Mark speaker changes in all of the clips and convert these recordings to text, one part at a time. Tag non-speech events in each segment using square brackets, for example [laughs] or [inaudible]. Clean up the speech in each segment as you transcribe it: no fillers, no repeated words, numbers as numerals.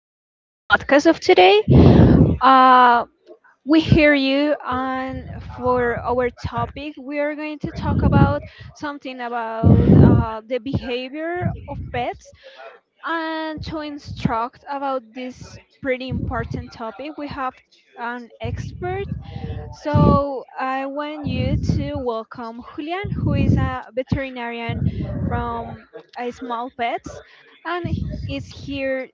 Speaker 1: to our podcast of today. Uh, we hear you, and for our topic, we are going to talk about something about the behavior of pets and to instruct about this pretty important topic. We have an expert, so I want you to welcome Julian, who is a veterinarian from Small Pets, and is here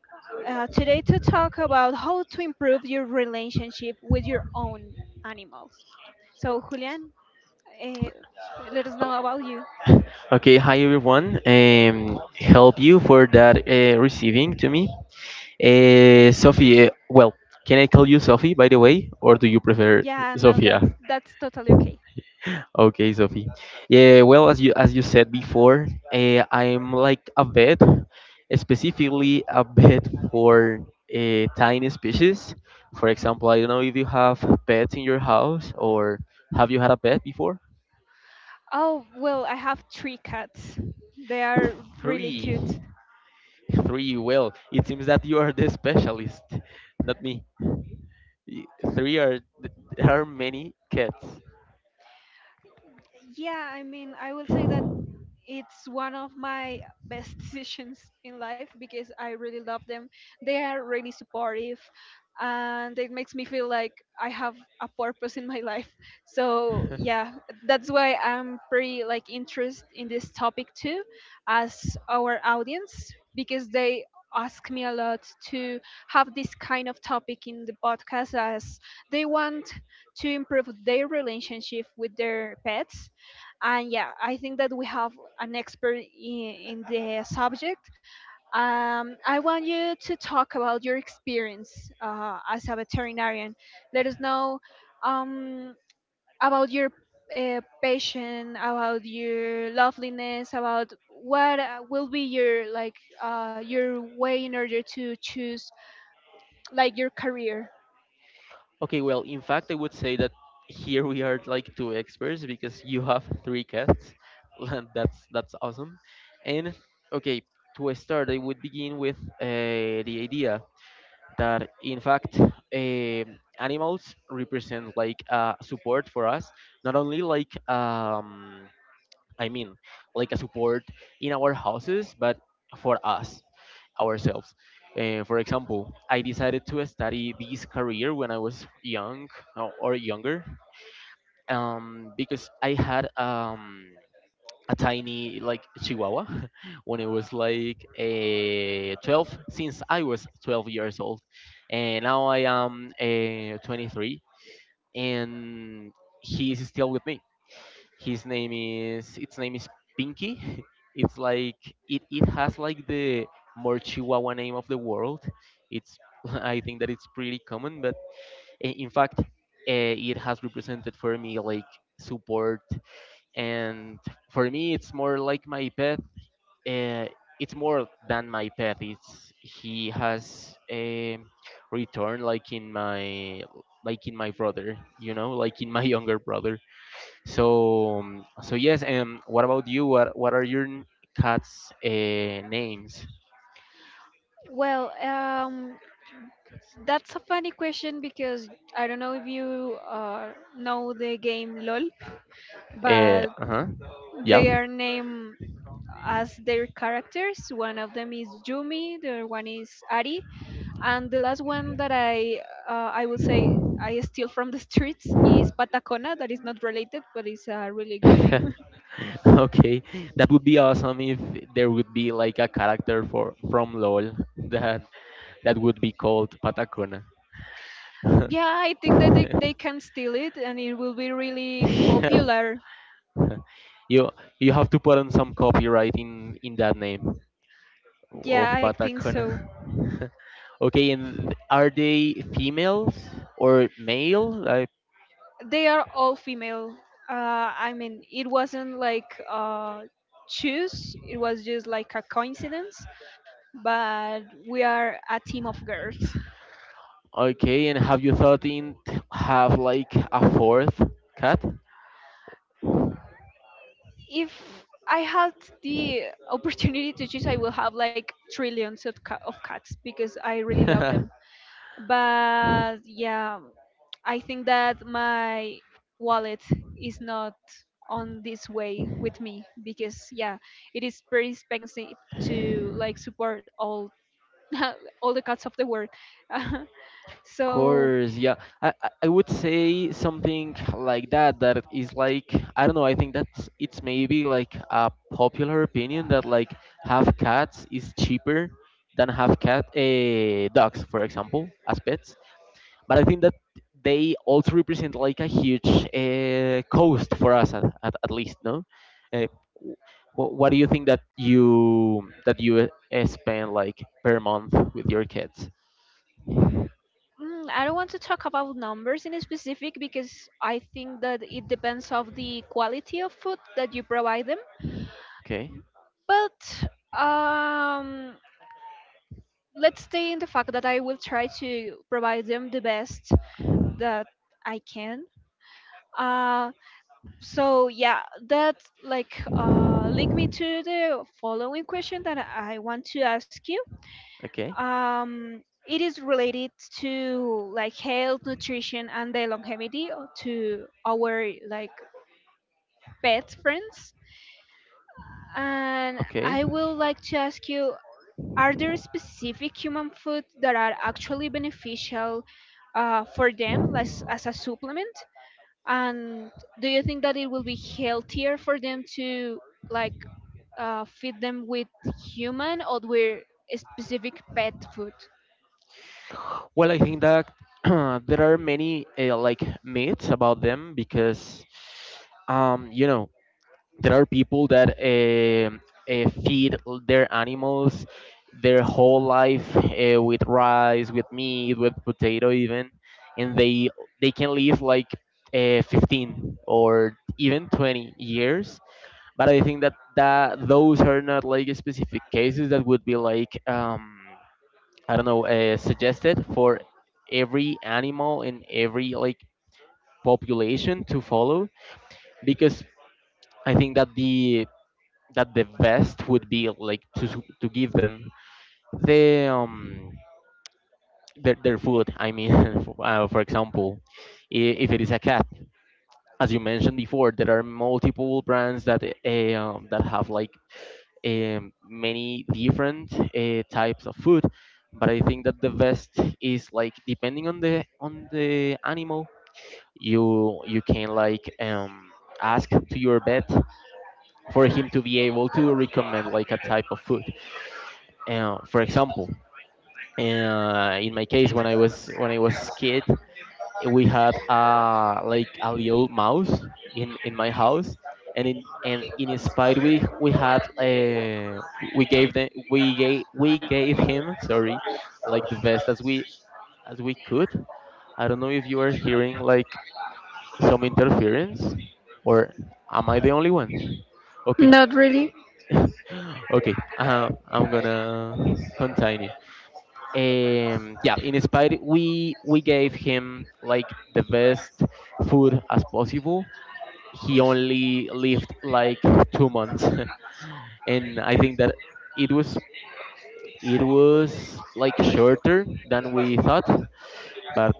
Speaker 1: today to talk about how to improve your relationship with your own animals. So Julian, uh, let us know about you.
Speaker 2: Okay, hi everyone. Help you for that receiving to me. Sophie, well, can I call you Sophie by the way, or do you prefer
Speaker 1: Yeah, no,
Speaker 2: Sophia?
Speaker 1: that's totally okay.
Speaker 2: Okay, Sophie. Yeah, well, as you said before, I'm like a vet, specifically a vet for tiny species. For example, I don't know if you have pets in your house or have you had a pet before?
Speaker 1: Oh well, I have three cats. They are really
Speaker 2: Three.
Speaker 1: cute.
Speaker 2: Three, well, it seems that you are the specialist, not me. Y- Three are many cats.
Speaker 1: Yeah, I mean, I will say that it's one of my best [laughs] decisions in life because I really love them. They are really supportive and it makes me feel like I have a purpose in my [laughs] life. So,
Speaker 2: [laughs]
Speaker 1: yeah, that's why I'm pretty like interested in this topic too, as our audience, because they ask me a lot to have this kind of topic in the podcast as they want to improve their relationship with their pets. And yeah, I think that we have an expert in the subject. I want you to talk about your experience as a veterinarian. Let us know um, about your passion, about your loveliness, about what will be your like your way in order to choose like your career.
Speaker 2: Okay, well, in fact, I would say that here we are like two experts because you have three cats. [laughs] And that's awesome. And okay, to start, I would begin with the idea that in fact animals represent like support for us, not only I mean, like a support in our houses, but for us, ourselves. For example, I decided to study this career when I was younger because I had a tiny like chihuahua [laughs] when it was like a 12 since I was 12 years old and now I am 23 and he is still with me. His name is its name is Pinky. [laughs] It's like it has like the more Chihuahua name of the world. It's [laughs] I think that it's pretty common, but in fact, it has represented for me like support, and for me, it's more like my pet. Uh, it's more than my pet. It's He has a return like in my brother, you know, like in my [laughs] younger brother. So yes. What about you? What are your cats' names?
Speaker 1: Well, that's a funny question because I don't know if you know the game LOL,
Speaker 2: Uh
Speaker 1: but
Speaker 2: huh. Yeah.
Speaker 1: they are named as their characters. One of them is Yumi, the other one is Ari, and the last one that I will say I steal from the [laughs] streets is Patacona. That is not related, but it's a really good name.
Speaker 2: [laughs] Okay, that would be awesome if there would be like a character for from LOL [laughs] that that would be called Patacona.
Speaker 1: [laughs]
Speaker 2: [laughs]
Speaker 1: Yeah, I think that they can steal it, and it will be really popular.
Speaker 2: you you have to put on some copyright in that name of
Speaker 1: Yeah, I think
Speaker 2: Patacona.
Speaker 1: so.
Speaker 2: [laughs] Okay, and are they females or male? I
Speaker 1: They are all female. I mean, it wasn't like choose. It was just like a coincidence, but we are a team of girls.
Speaker 2: okay, and have you thought have like a fourth cat?
Speaker 1: If I had the opportunity to choose, I will have like trillions of, of cats because I really love them.
Speaker 2: [laughs]
Speaker 1: But yeah, I think that my wallet is not on this way with me because yeah, it is pretty expensive to like support all [laughs] all the cats of the world. [laughs]
Speaker 2: Of
Speaker 1: So,
Speaker 2: course, yeah. I would say something like that, that is like, I don't know, I think that's it's maybe like a popular opinion that like have cats is cheaper than have cat dogs, for example, as pets. But I think that they also represent like a huge cost for us at least, no? Uh, what do you think that you spend like per month with your kids?
Speaker 1: mm, I don't want to talk about numbers in specific because I think that it depends of the quality of food that you provide them.
Speaker 2: Okay,
Speaker 1: But um, let's stay in the fact that I will try to provide them the best that I can. Uh, so yeah, that like link me to the following question that I want to ask you,
Speaker 2: okay,
Speaker 1: um, it is related to like health nutrition and the longevity to our like pet friends. And I
Speaker 2: okay.
Speaker 1: will like to ask you, are there specific human food that are actually beneficial for them like, as a supplement, and do you think that it will be healthier for them to like feed them with human or with specific pet food?
Speaker 2: Well, I think that [clears throat] there are many like myths about them because, you know, there are people that feed their animals their whole life with rice, with meat, with potato even, and they can live like 15 or even 20 years. But I think that, that those are not like specific cases that would be like I don't know suggested for every animal in every like population to follow because I think that the best would be like to to give them the their food. I mean, [laughs] for example, if it is a cat, as you mentioned before, there are multiple brands that that have like many different types of food. But I think that the best is like depending on the animal. You can like ask to your vet for him to be able to recommend like a type of food. For example, in my case, when I was kid, we had like a little mouse in my house, and in his spite we had uh, we gave him sorry like the best as we could. I don't know if you are hearing like some interference, or am I the only one? Okay,
Speaker 1: Not really.
Speaker 2: [laughs] okay, I'm gonna continue. Yeah, in spite we gave him like the best food as possible, he only lived like 2 months. [laughs] And I think that it was it was like shorter than we thought, but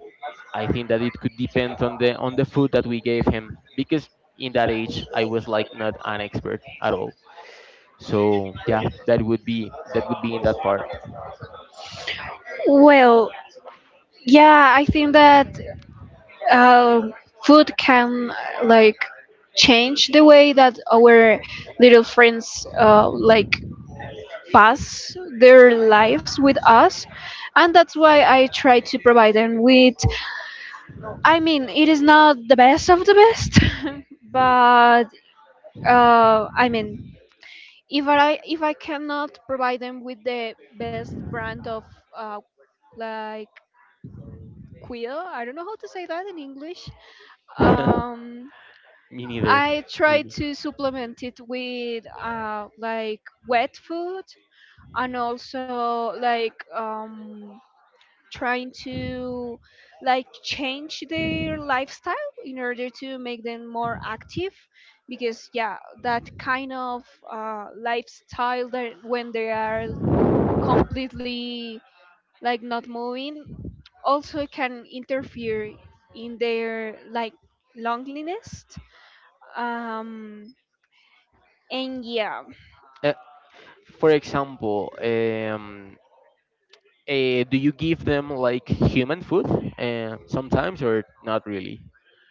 Speaker 2: I think that it could depend on the food that we gave him because in that age I was like not an expert at all. So yeah, that would be in that part.
Speaker 1: Well, yeah, I think that uh, food can like change the way that our little friends like pass their lives with us. And that's why I try to provide them with. I mean, it is not the best of the best, [laughs]
Speaker 2: Mm.
Speaker 1: but
Speaker 2: [laughs]
Speaker 1: I mean, if I cannot provide them with the best brand of uh, like quill, I don't know how to say that in English. Um,
Speaker 2: Me neither,
Speaker 1: I try
Speaker 2: really.
Speaker 1: to supplement it with like wet food and also like trying to like change their lifestyle in order to make them more active, because yeah, that kind of lifestyle that when they are completely like not moving also can interfere in their like loneliness. um And yeah,
Speaker 2: Uh, for example, do you give them like human food sometimes or not really?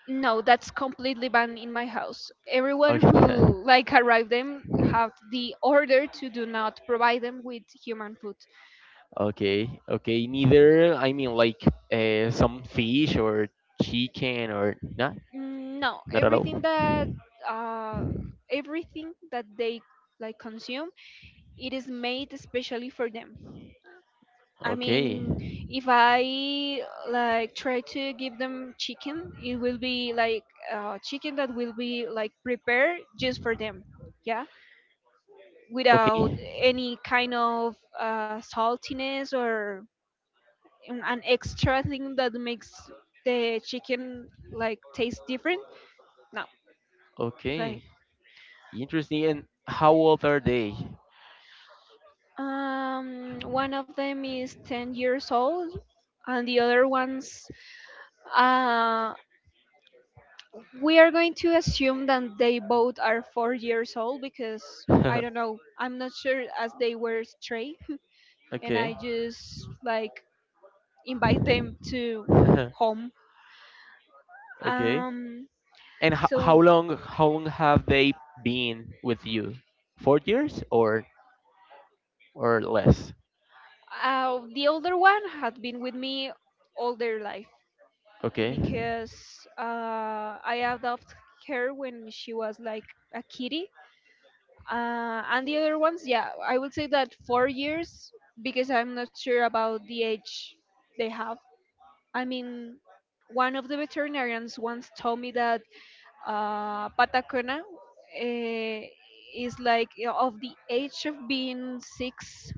Speaker 1: no, that's completely banned in my house. Everyone
Speaker 2: Okay,
Speaker 1: who
Speaker 2: [laughs]
Speaker 1: like arrive them have the order to do not provide them with human food.
Speaker 2: okay, okay. Neither. I mean, like some fish or chicken or not,
Speaker 1: Mm, no,
Speaker 2: not at all.
Speaker 1: uh, everything that they like consume, it is made especially for them. I
Speaker 2: Okay.
Speaker 1: mean, if I like try to give them chicken, it will be like chicken that will be like prepared just for them. Yeah, without
Speaker 2: Okay.
Speaker 1: any kind of saltiness or an extra thing that makes the chicken like taste different. No, like
Speaker 2: Okay. Interesting. And how old are they?
Speaker 1: one of them is 10 years old, and the other ones. Uh, we are going to assume that they both are 4 years old because I don't
Speaker 2: [laughs]
Speaker 1: know. I'm not sure as they were stray, [laughs] and I
Speaker 2: Okay.
Speaker 1: just like invite them to
Speaker 2: [laughs]
Speaker 1: home.
Speaker 2: Okay.
Speaker 1: Um,
Speaker 2: And ho- how
Speaker 1: So
Speaker 2: long how long have they been with you? 4 years or less?
Speaker 1: the older one had been with me all their life
Speaker 2: Okay.
Speaker 1: because I adopted her when she was like a kitty. And the other ones, yeah, I would say that 4 years because I'm not sure about the age they have. I mean, one of the veterinarians once told me that Patacona is like, you know, of the age of being six,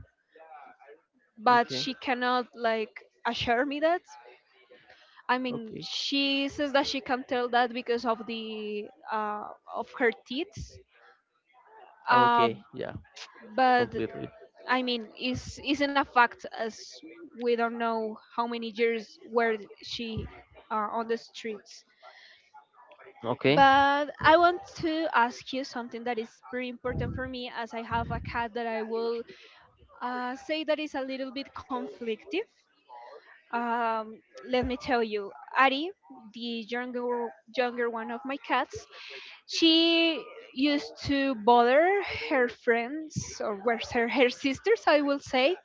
Speaker 1: but
Speaker 2: Okay.
Speaker 1: she cannot like assure me that. I mean,
Speaker 2: Okay.
Speaker 1: she says that she can tell that because of the uh, of her teeth. Uh,
Speaker 2: Okay. Yeah.
Speaker 1: but
Speaker 2: Completely.
Speaker 1: I mean, is isn't a fact as we don't know how many years were she on the streets.
Speaker 2: Okay.
Speaker 1: But I want to ask you something that is pretty important for me, as I have a cat that I will say that is a little bit conflictive. um, Let me tell you, Ari, the younger one of my cats, she used to bother her friends or where's her sisters, I will say.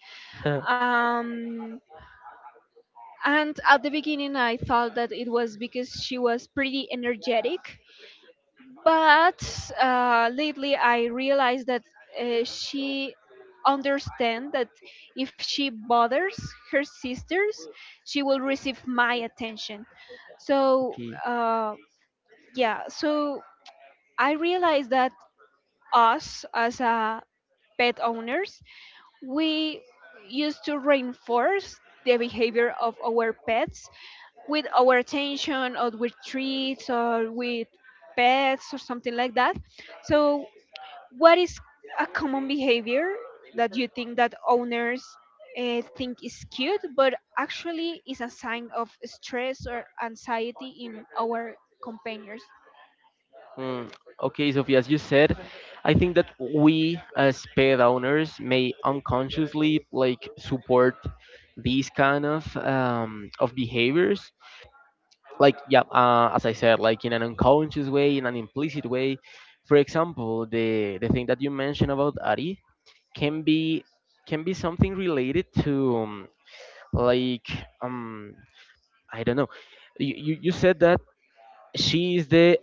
Speaker 2: [laughs]
Speaker 1: Um, and at the beginning, I thought that it was because she was pretty energetic, but lately I realized that she understand that if she bothers her sisters, she will receive my attention. So
Speaker 2: Okay.
Speaker 1: yeah, so I realized that us as pet owners, we used to reinforce the behavior of our pets with our attention or with treats or with pets or something like that. So what is a common behavior that you think that owners think is cute but actually is a sign of stress or anxiety in our companions?
Speaker 2: Mm, okay, Sophie, as you said, I think that we as pet owners may unconsciously like support these kind of behaviors. Like yeah, as I said, like in an unconscious way, in an implicit way. For example, the thing that you mentioned about Ari can be can be something related to like um I don't know. You said that she is the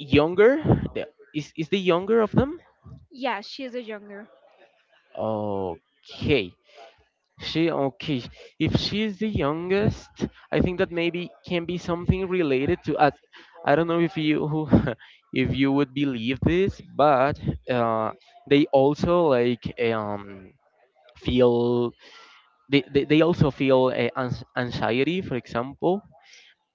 Speaker 2: younger, the, is the younger of them.
Speaker 1: Yeah, she's a younger.
Speaker 2: Okay. She Okay. If she is the youngest, I think that maybe can be something related to I don't know if you [laughs] if you would believe this, but uh, they also like feel they also feel anxiety, for example,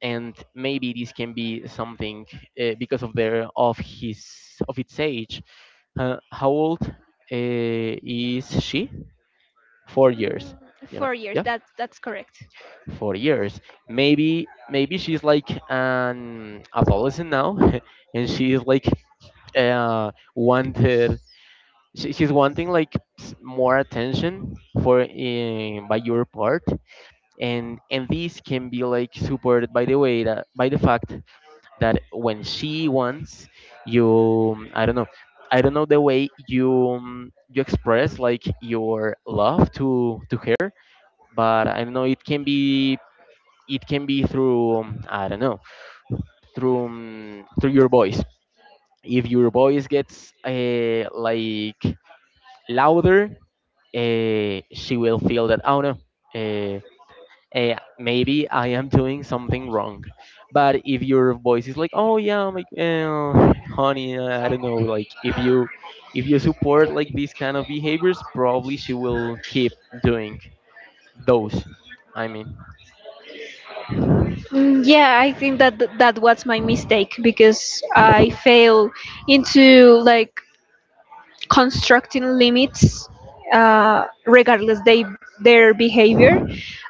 Speaker 2: and maybe this can be something because of their of his of its age. How old is she? 4 years,
Speaker 1: Mm,
Speaker 2: you
Speaker 1: four
Speaker 2: know,
Speaker 1: years
Speaker 2: yeah,
Speaker 1: that that's correct.
Speaker 2: 4 years. Maybe maybe she's like an adolescent now [laughs] and she's like wanted she's wanting like more attention for in, by your part. And this can be like supported by the way that by the fact that when she wants you, I don't know, I don't know the way you you express like your love to her. But I don't know. It can be through I don't know, through through your voice. If your voice gets like louder, she will feel that oh no, uh, maybe I am doing something wrong. But if your voice is like oh yeah, I'm like honey, I don't know, like if you support like these kind of behaviors, probably she will keep doing those. I mean.
Speaker 1: Mm, yeah, I think that that was my mistake because I fail into like constructing limits uh, regardless they their behavior,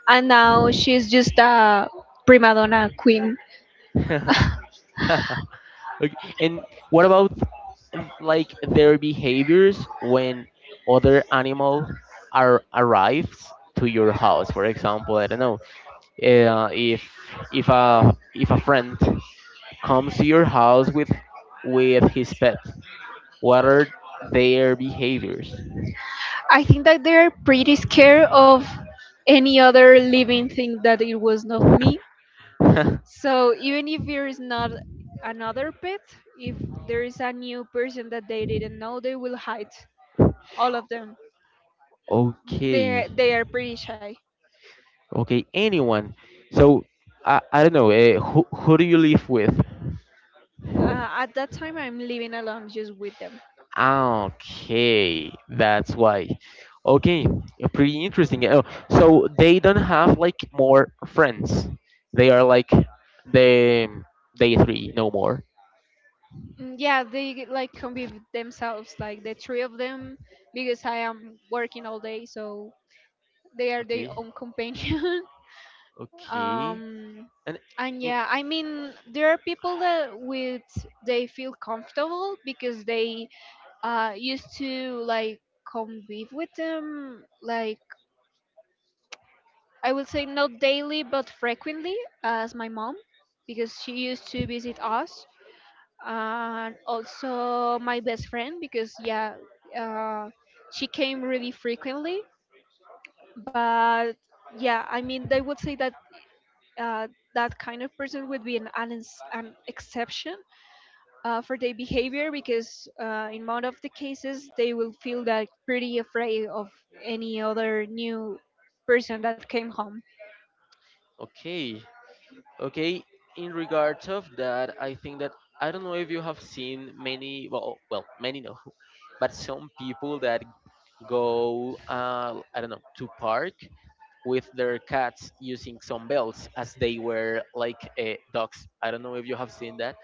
Speaker 1: and now she's just a prima donna queen.
Speaker 2: [laughs] Like, and what about like their behaviors when other animal are arrives to your house? For example, I don't know, if if a friend comes to your house with his pet, what are their behaviors?
Speaker 1: I think that they're pretty scared of any other living thing that it was not me.
Speaker 2: [laughs]
Speaker 1: So even if there is not another pet, if there is a new person that they didn't know, they will hide all of them.
Speaker 2: Okay,
Speaker 1: They are pretty shy.
Speaker 2: okay, anyone. So I don't know. Who do you live with?
Speaker 1: At that time, I'm living alone just with them.
Speaker 2: Okay, that's why. Okay, pretty interesting. Oh, so they don't have like more friends. They are like the they three, no more.
Speaker 1: Mm, yeah, they like can be themselves, like the three of them, because I am working all day, so they are their
Speaker 2: Okay,
Speaker 1: own companion. [laughs]
Speaker 2: okay,
Speaker 1: um
Speaker 2: and
Speaker 1: and
Speaker 2: in,
Speaker 1: yeah, I mean, there are people that with they feel comfortable because they used to like convive with them, like I would say not daily but frequently, as my mom, because she used to visit us, and also my best friend, because yeah, uh she came really frequently. But yeah, I mean, they would say that uh, that kind of person would be an exception for their behavior, because in most of the cases they will feel that pretty afraid of any other new person that came home.
Speaker 2: okay, okay. In regards of that, I think that I don't know if you have seen many. Well, well, many no, [laughs] but some people that go. I don't know to park with their cats using some belts as they were like dogs. I don't know if you have seen that.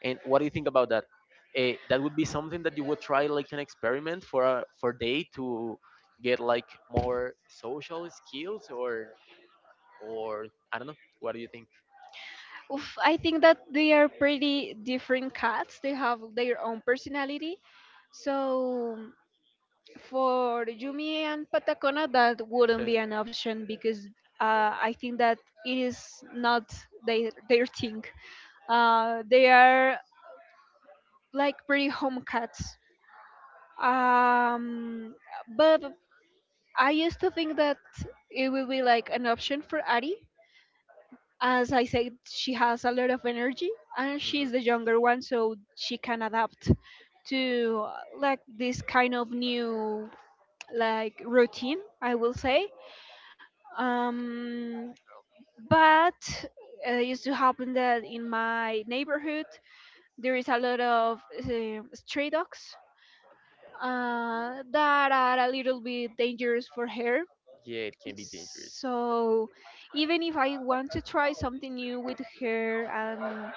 Speaker 2: And what do you think about that? That would be something that you would try like an experiment for a, for day to get like more social skills or I don't know. What do you think? [laughs]
Speaker 1: Oof, I think that they are pretty different cats, they have their own personality, so for Yumi and Patacona, that wouldn't be an option because I think that it is not their thing. They are like pretty home cats. Um, but I used to think that it would be like an option for Addie. As I said, she has a lot of energy and she's
Speaker 2: Mhm.
Speaker 1: the younger one, so she can adapt to like this kind of new like routine, I will say. Um, but it used to happen that in my neighborhood there is a lot of stray dogs that are a little bit dangerous for her.
Speaker 2: Yeah, it can be dangerous.
Speaker 1: So even if I want to try something new with her and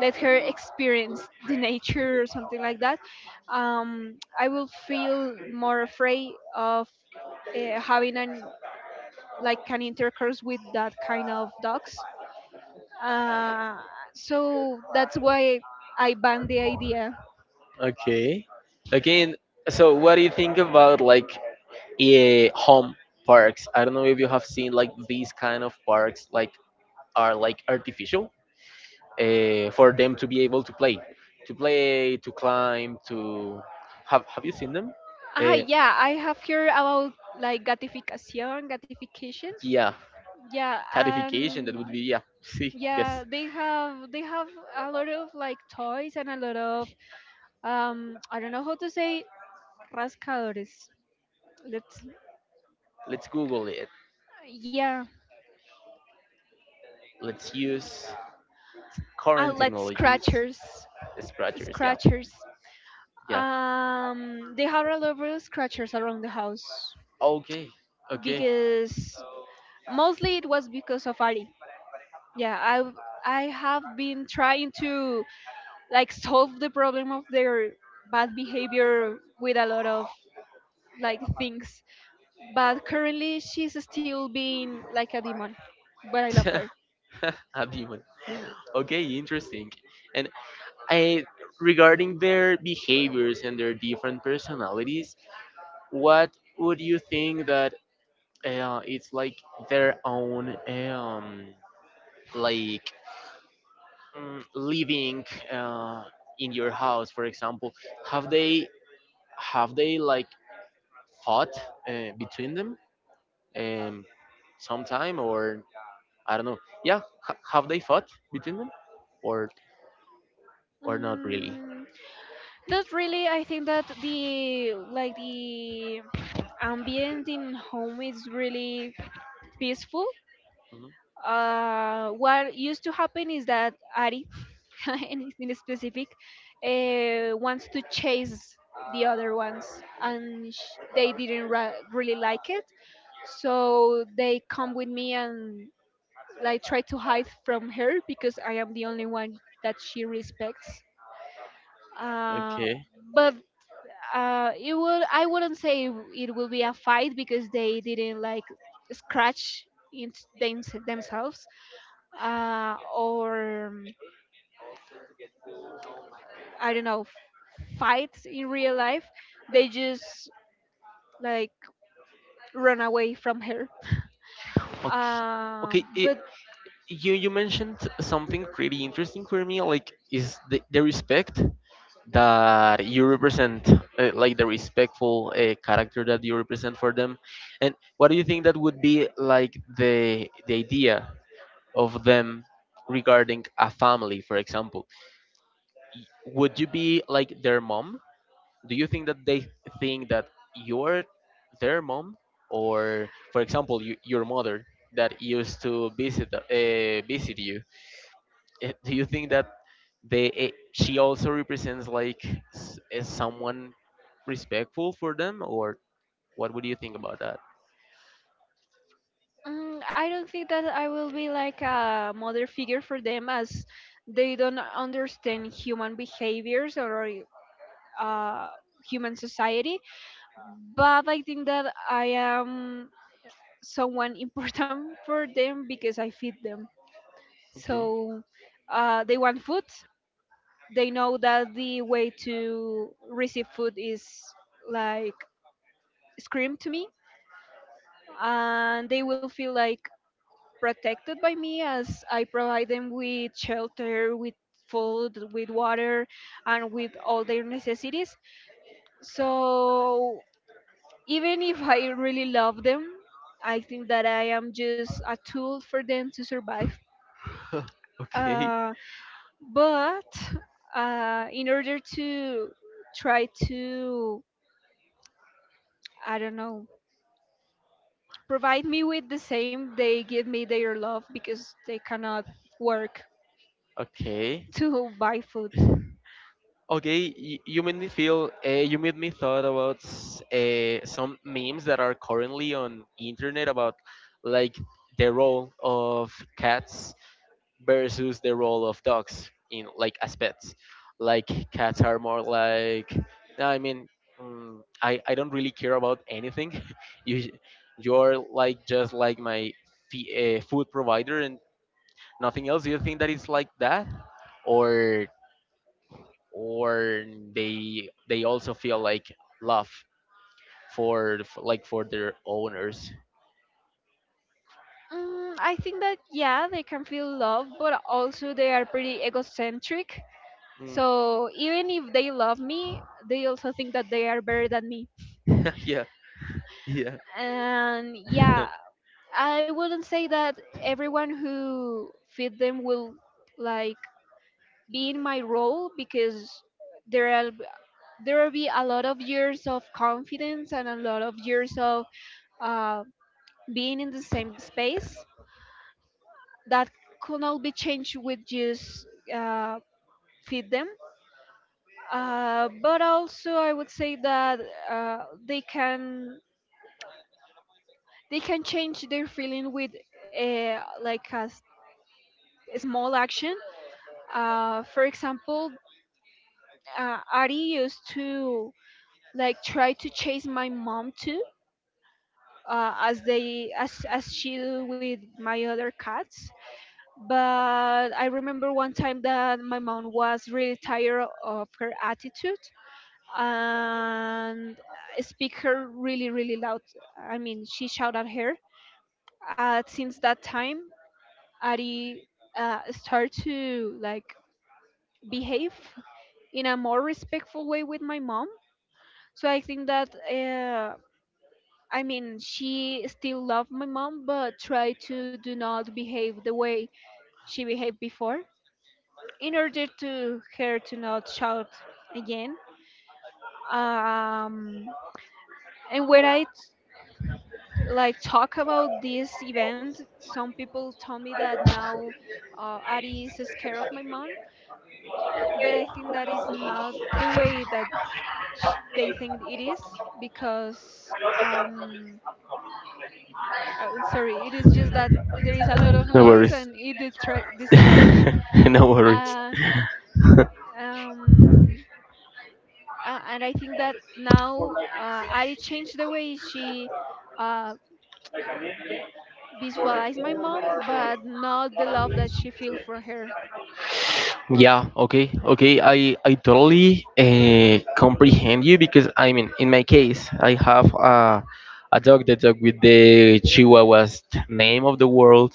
Speaker 1: let her experience [laughs] the nature or something like that, I will feel more afraid of having an like an intercourse with that kind of dogs. Uh, so that's why I banned the idea.
Speaker 2: Okay. Again, so what do you think about like home parks? I don't know if you have seen like these kind of parks like are like artificial for them to be able to play, to play, to climb, to have you seen them?
Speaker 1: Ah,
Speaker 2: Uh,
Speaker 1: yeah, I have heard about like gratification, gratification.
Speaker 2: yeah,
Speaker 1: Yeah,
Speaker 2: catification. That would
Speaker 1: and
Speaker 2: be yeah. [laughs] See, yes.
Speaker 1: yeah, they have a lot of like toys and a lot of I don't know how to say rascadores. Let's
Speaker 2: Let's Google it.
Speaker 1: yeah,
Speaker 2: Let's use current
Speaker 1: like
Speaker 2: technologies.
Speaker 1: scratchers,
Speaker 2: Scratchers. Yeah,
Speaker 1: scratchers.
Speaker 2: yeah.
Speaker 1: They have a lot of scratchers around the house
Speaker 2: Okay, okay.
Speaker 1: because mostly it was because of Ari. Yeah, I have been trying to like solve the problem of their bad behavior with a lot of like things, but currently she's still being like a demon, but I love her.
Speaker 2: [laughs] A demon. Okay, interesting. And I regarding their behaviors and their different personalities, what would you think that it's like their own like living uh, in your house, for example, have they have they like fought between them um, sometime or I don't know. Yeah, have they fought between them or or not really.
Speaker 1: mm, Not really. I think that the ambient in home is really peaceful.
Speaker 2: Mhm.
Speaker 1: What used to happen is that Ari [laughs] anything specific, wants to chase the other ones, and they didn't really like it, so they come with me and like try to hide from her because I am the only one that she respects. Uh,
Speaker 2: okay
Speaker 1: but it would, I wouldn't say it will be a fight because they didn't like scratch in themselves, or I don't know, fights in real life. They just like run away from her.
Speaker 2: okay okay i
Speaker 1: But
Speaker 2: you mentioned something pretty interesting for me, like is the respect that you represent, like the respectful character that you represent for them. And what do you think that would be, like the idea of them regarding a family, for example? Would you be like their mom? Do you think that they think that you're their mom? Or for example your mother that used to visit visit you? Do you think that she also represents like, is someone respectful for them, or what would you think about that?
Speaker 1: I don't think that I will be like a mother figure for them, as they don't understand human behaviors or uh, human society. But I think that I am someone important [laughs] for them because I feed them.
Speaker 2: Okay.
Speaker 1: So they want food, they know that the way to receive food is like scream to me, and they will feel like protected by me as I provide them with shelter, with food, with water, and with all their necessities. So even if I really love them, I think that I am just a tool for them to survive.
Speaker 2: [laughs] okay
Speaker 1: Uh, but In order to try to, I don't know, provide me with the same, they give me their love because they cannot work
Speaker 2: okay
Speaker 1: [laughs] to buy food.
Speaker 2: okay. You made me feel you made me thought about some memes that are currently on internet about, like, the role of cats versus the role of dogs in, like, as pets. Like cats are more like, no, I mean, I don't really care about anything. [laughs] you you're like just like my food provider and nothing else. Do you think that it's like that? Or or they also feel like love for, like, for their owners?
Speaker 1: Mm, I think that yeah, they can feel love, but also they are pretty egocentric.
Speaker 2: Mm.
Speaker 1: So even if they love me, they also think that they are better than me.
Speaker 2: [laughs] Yeah, yeah.
Speaker 1: And
Speaker 2: [laughs] no
Speaker 1: yeah, I wouldn't say that everyone who feed them will like be in my role because there are there will be a lot of years of confidence and a lot of years of uh, being in the same space that could not be changed with just uh, feed them. But also, I would say that uh, they can they can change their feeling with a, like a, s- a small action. For example, Ari used to like try to chase my mom too, as they as she do with my other cats. But I remember one time that my mom was really tired of her attitude and speak her really really loud. I mean, she shouted at her. Since that time, Ari start to like behave in a more respectful way with my mom. So I think that I mean, she still loved my mom, but tried to do not behave the way she behaved before, in order to her to not shout again. Um, and when I like talk about this event, some people tell me that now Ari is scared of my mom, but I think that is not the way that they think it is because. Um, Sorry, it is just that there is a lot of noise
Speaker 2: worries.
Speaker 1: and it detract distract me.
Speaker 2: [laughs] no worries.
Speaker 1: Uh, um, and I think that now I changed the way she uh, visualized my mom, but not the love that she feels for her.
Speaker 2: Yeah, okay, okay. I totally comprehend you because, I mean, in my case, I have a dog, the dog with the Chihuahua's name of the world,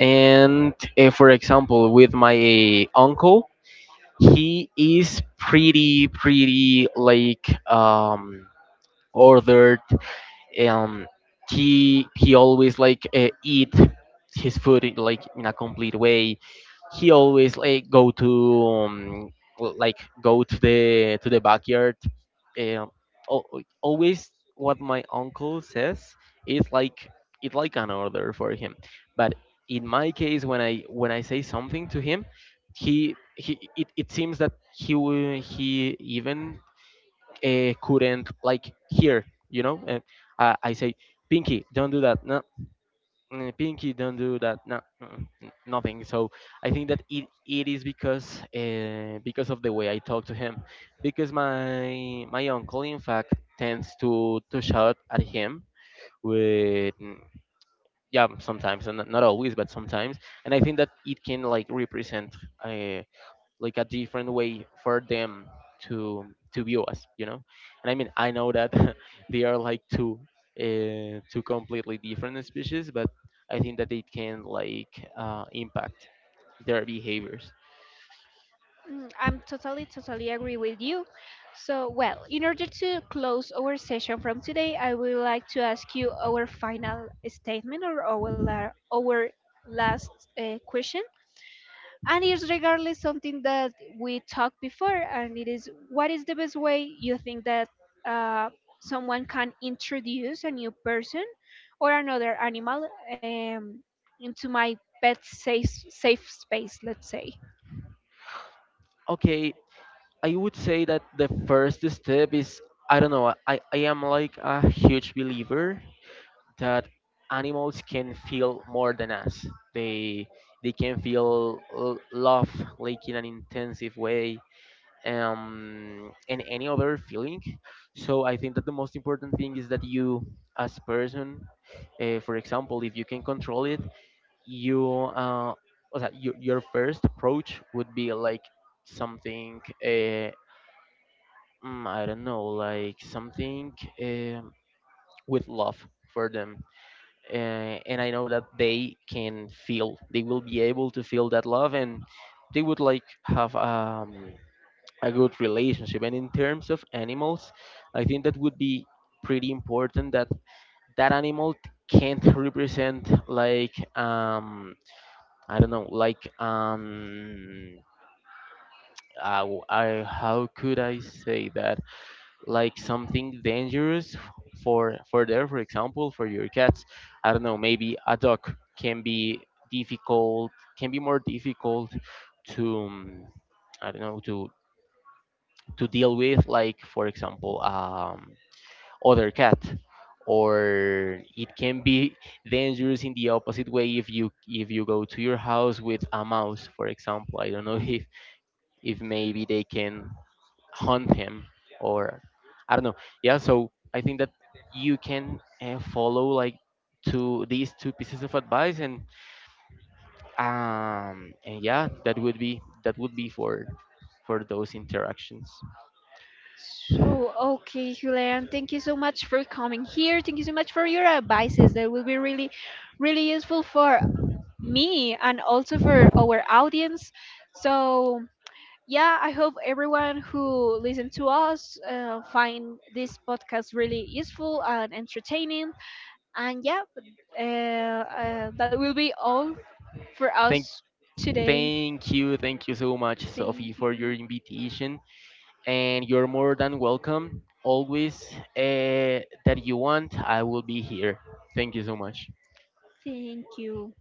Speaker 2: and for example, with my uncle, he is pretty like, um ordered. um he always, like, eat his food in, like, in a complete way. He always like go to like go to the backyard. um, al- Always what my uncle says is like, it's like an order for him. But in my case, when I say something to him, it seems that he even couldn't like hear, you know. And I say, Pinky, don't do that. No, Pinky, don't do that. No, nothing. So I think that it is because because of the way I talk to him, because my uncle in fact tends to shout at him with yeah, sometimes, and not always but sometimes, and I think that it can like represent uh, like a different way for them to view us, you know. And I mean, I know that [laughs] they are like two two completely different species, but I think that it can like impact their behaviors.
Speaker 1: Mm, I'm totally, totally agree with you. So, well, in order to close our session from today, I would like to ask you our final statement, or our, our last question, and it's regardless something that we talked before, and it is what is the best way you think that uh, someone can introduce a new person or another animal into my pet safe space, let's say.
Speaker 2: Okay, I would say that the first step is, I don't know, I am like a huge believer that animals can feel more than us. They can feel love, like in an intensive way, and any other feeling. So I think that the most important thing is that you, as person, for example, if you can control it, you, uh, what's that, your first approach would be like something, I don't know, like something um with love for them. And I know that they can they will be able to feel that love and they would like have a good relationship. And in terms of animals, I think that would be pretty important that that animal can't represent like, I don't know, like, I, how could I say that, like something dangerous for there for example for your cats. I don't know, maybe a dog can be difficult can be more difficult to, I don't know, to deal with, like for example, other cat. Or it can be dangerous in the opposite way if you go to your house with a mouse, for example. I don't know [laughs] if maybe they can hunt him, or I don't know. Yeah, so I think that you can follow like to these two pieces of advice, and yeah, that would be for those interactions.
Speaker 1: So okay, Julian, thank you so much for coming here. Thank you so much for your advices that will be really really useful for me and also for our audience. So yeah, I hope everyone who listens to us find this podcast really useful and entertaining. And yeah, that will be all for
Speaker 2: thank
Speaker 1: us today.
Speaker 2: Thank you so much, Sophie,
Speaker 1: Thank
Speaker 2: for your
Speaker 1: you.
Speaker 2: invitation, and you're more than welcome. Always that you want, I will be here. Thank you so much.
Speaker 1: Thank you.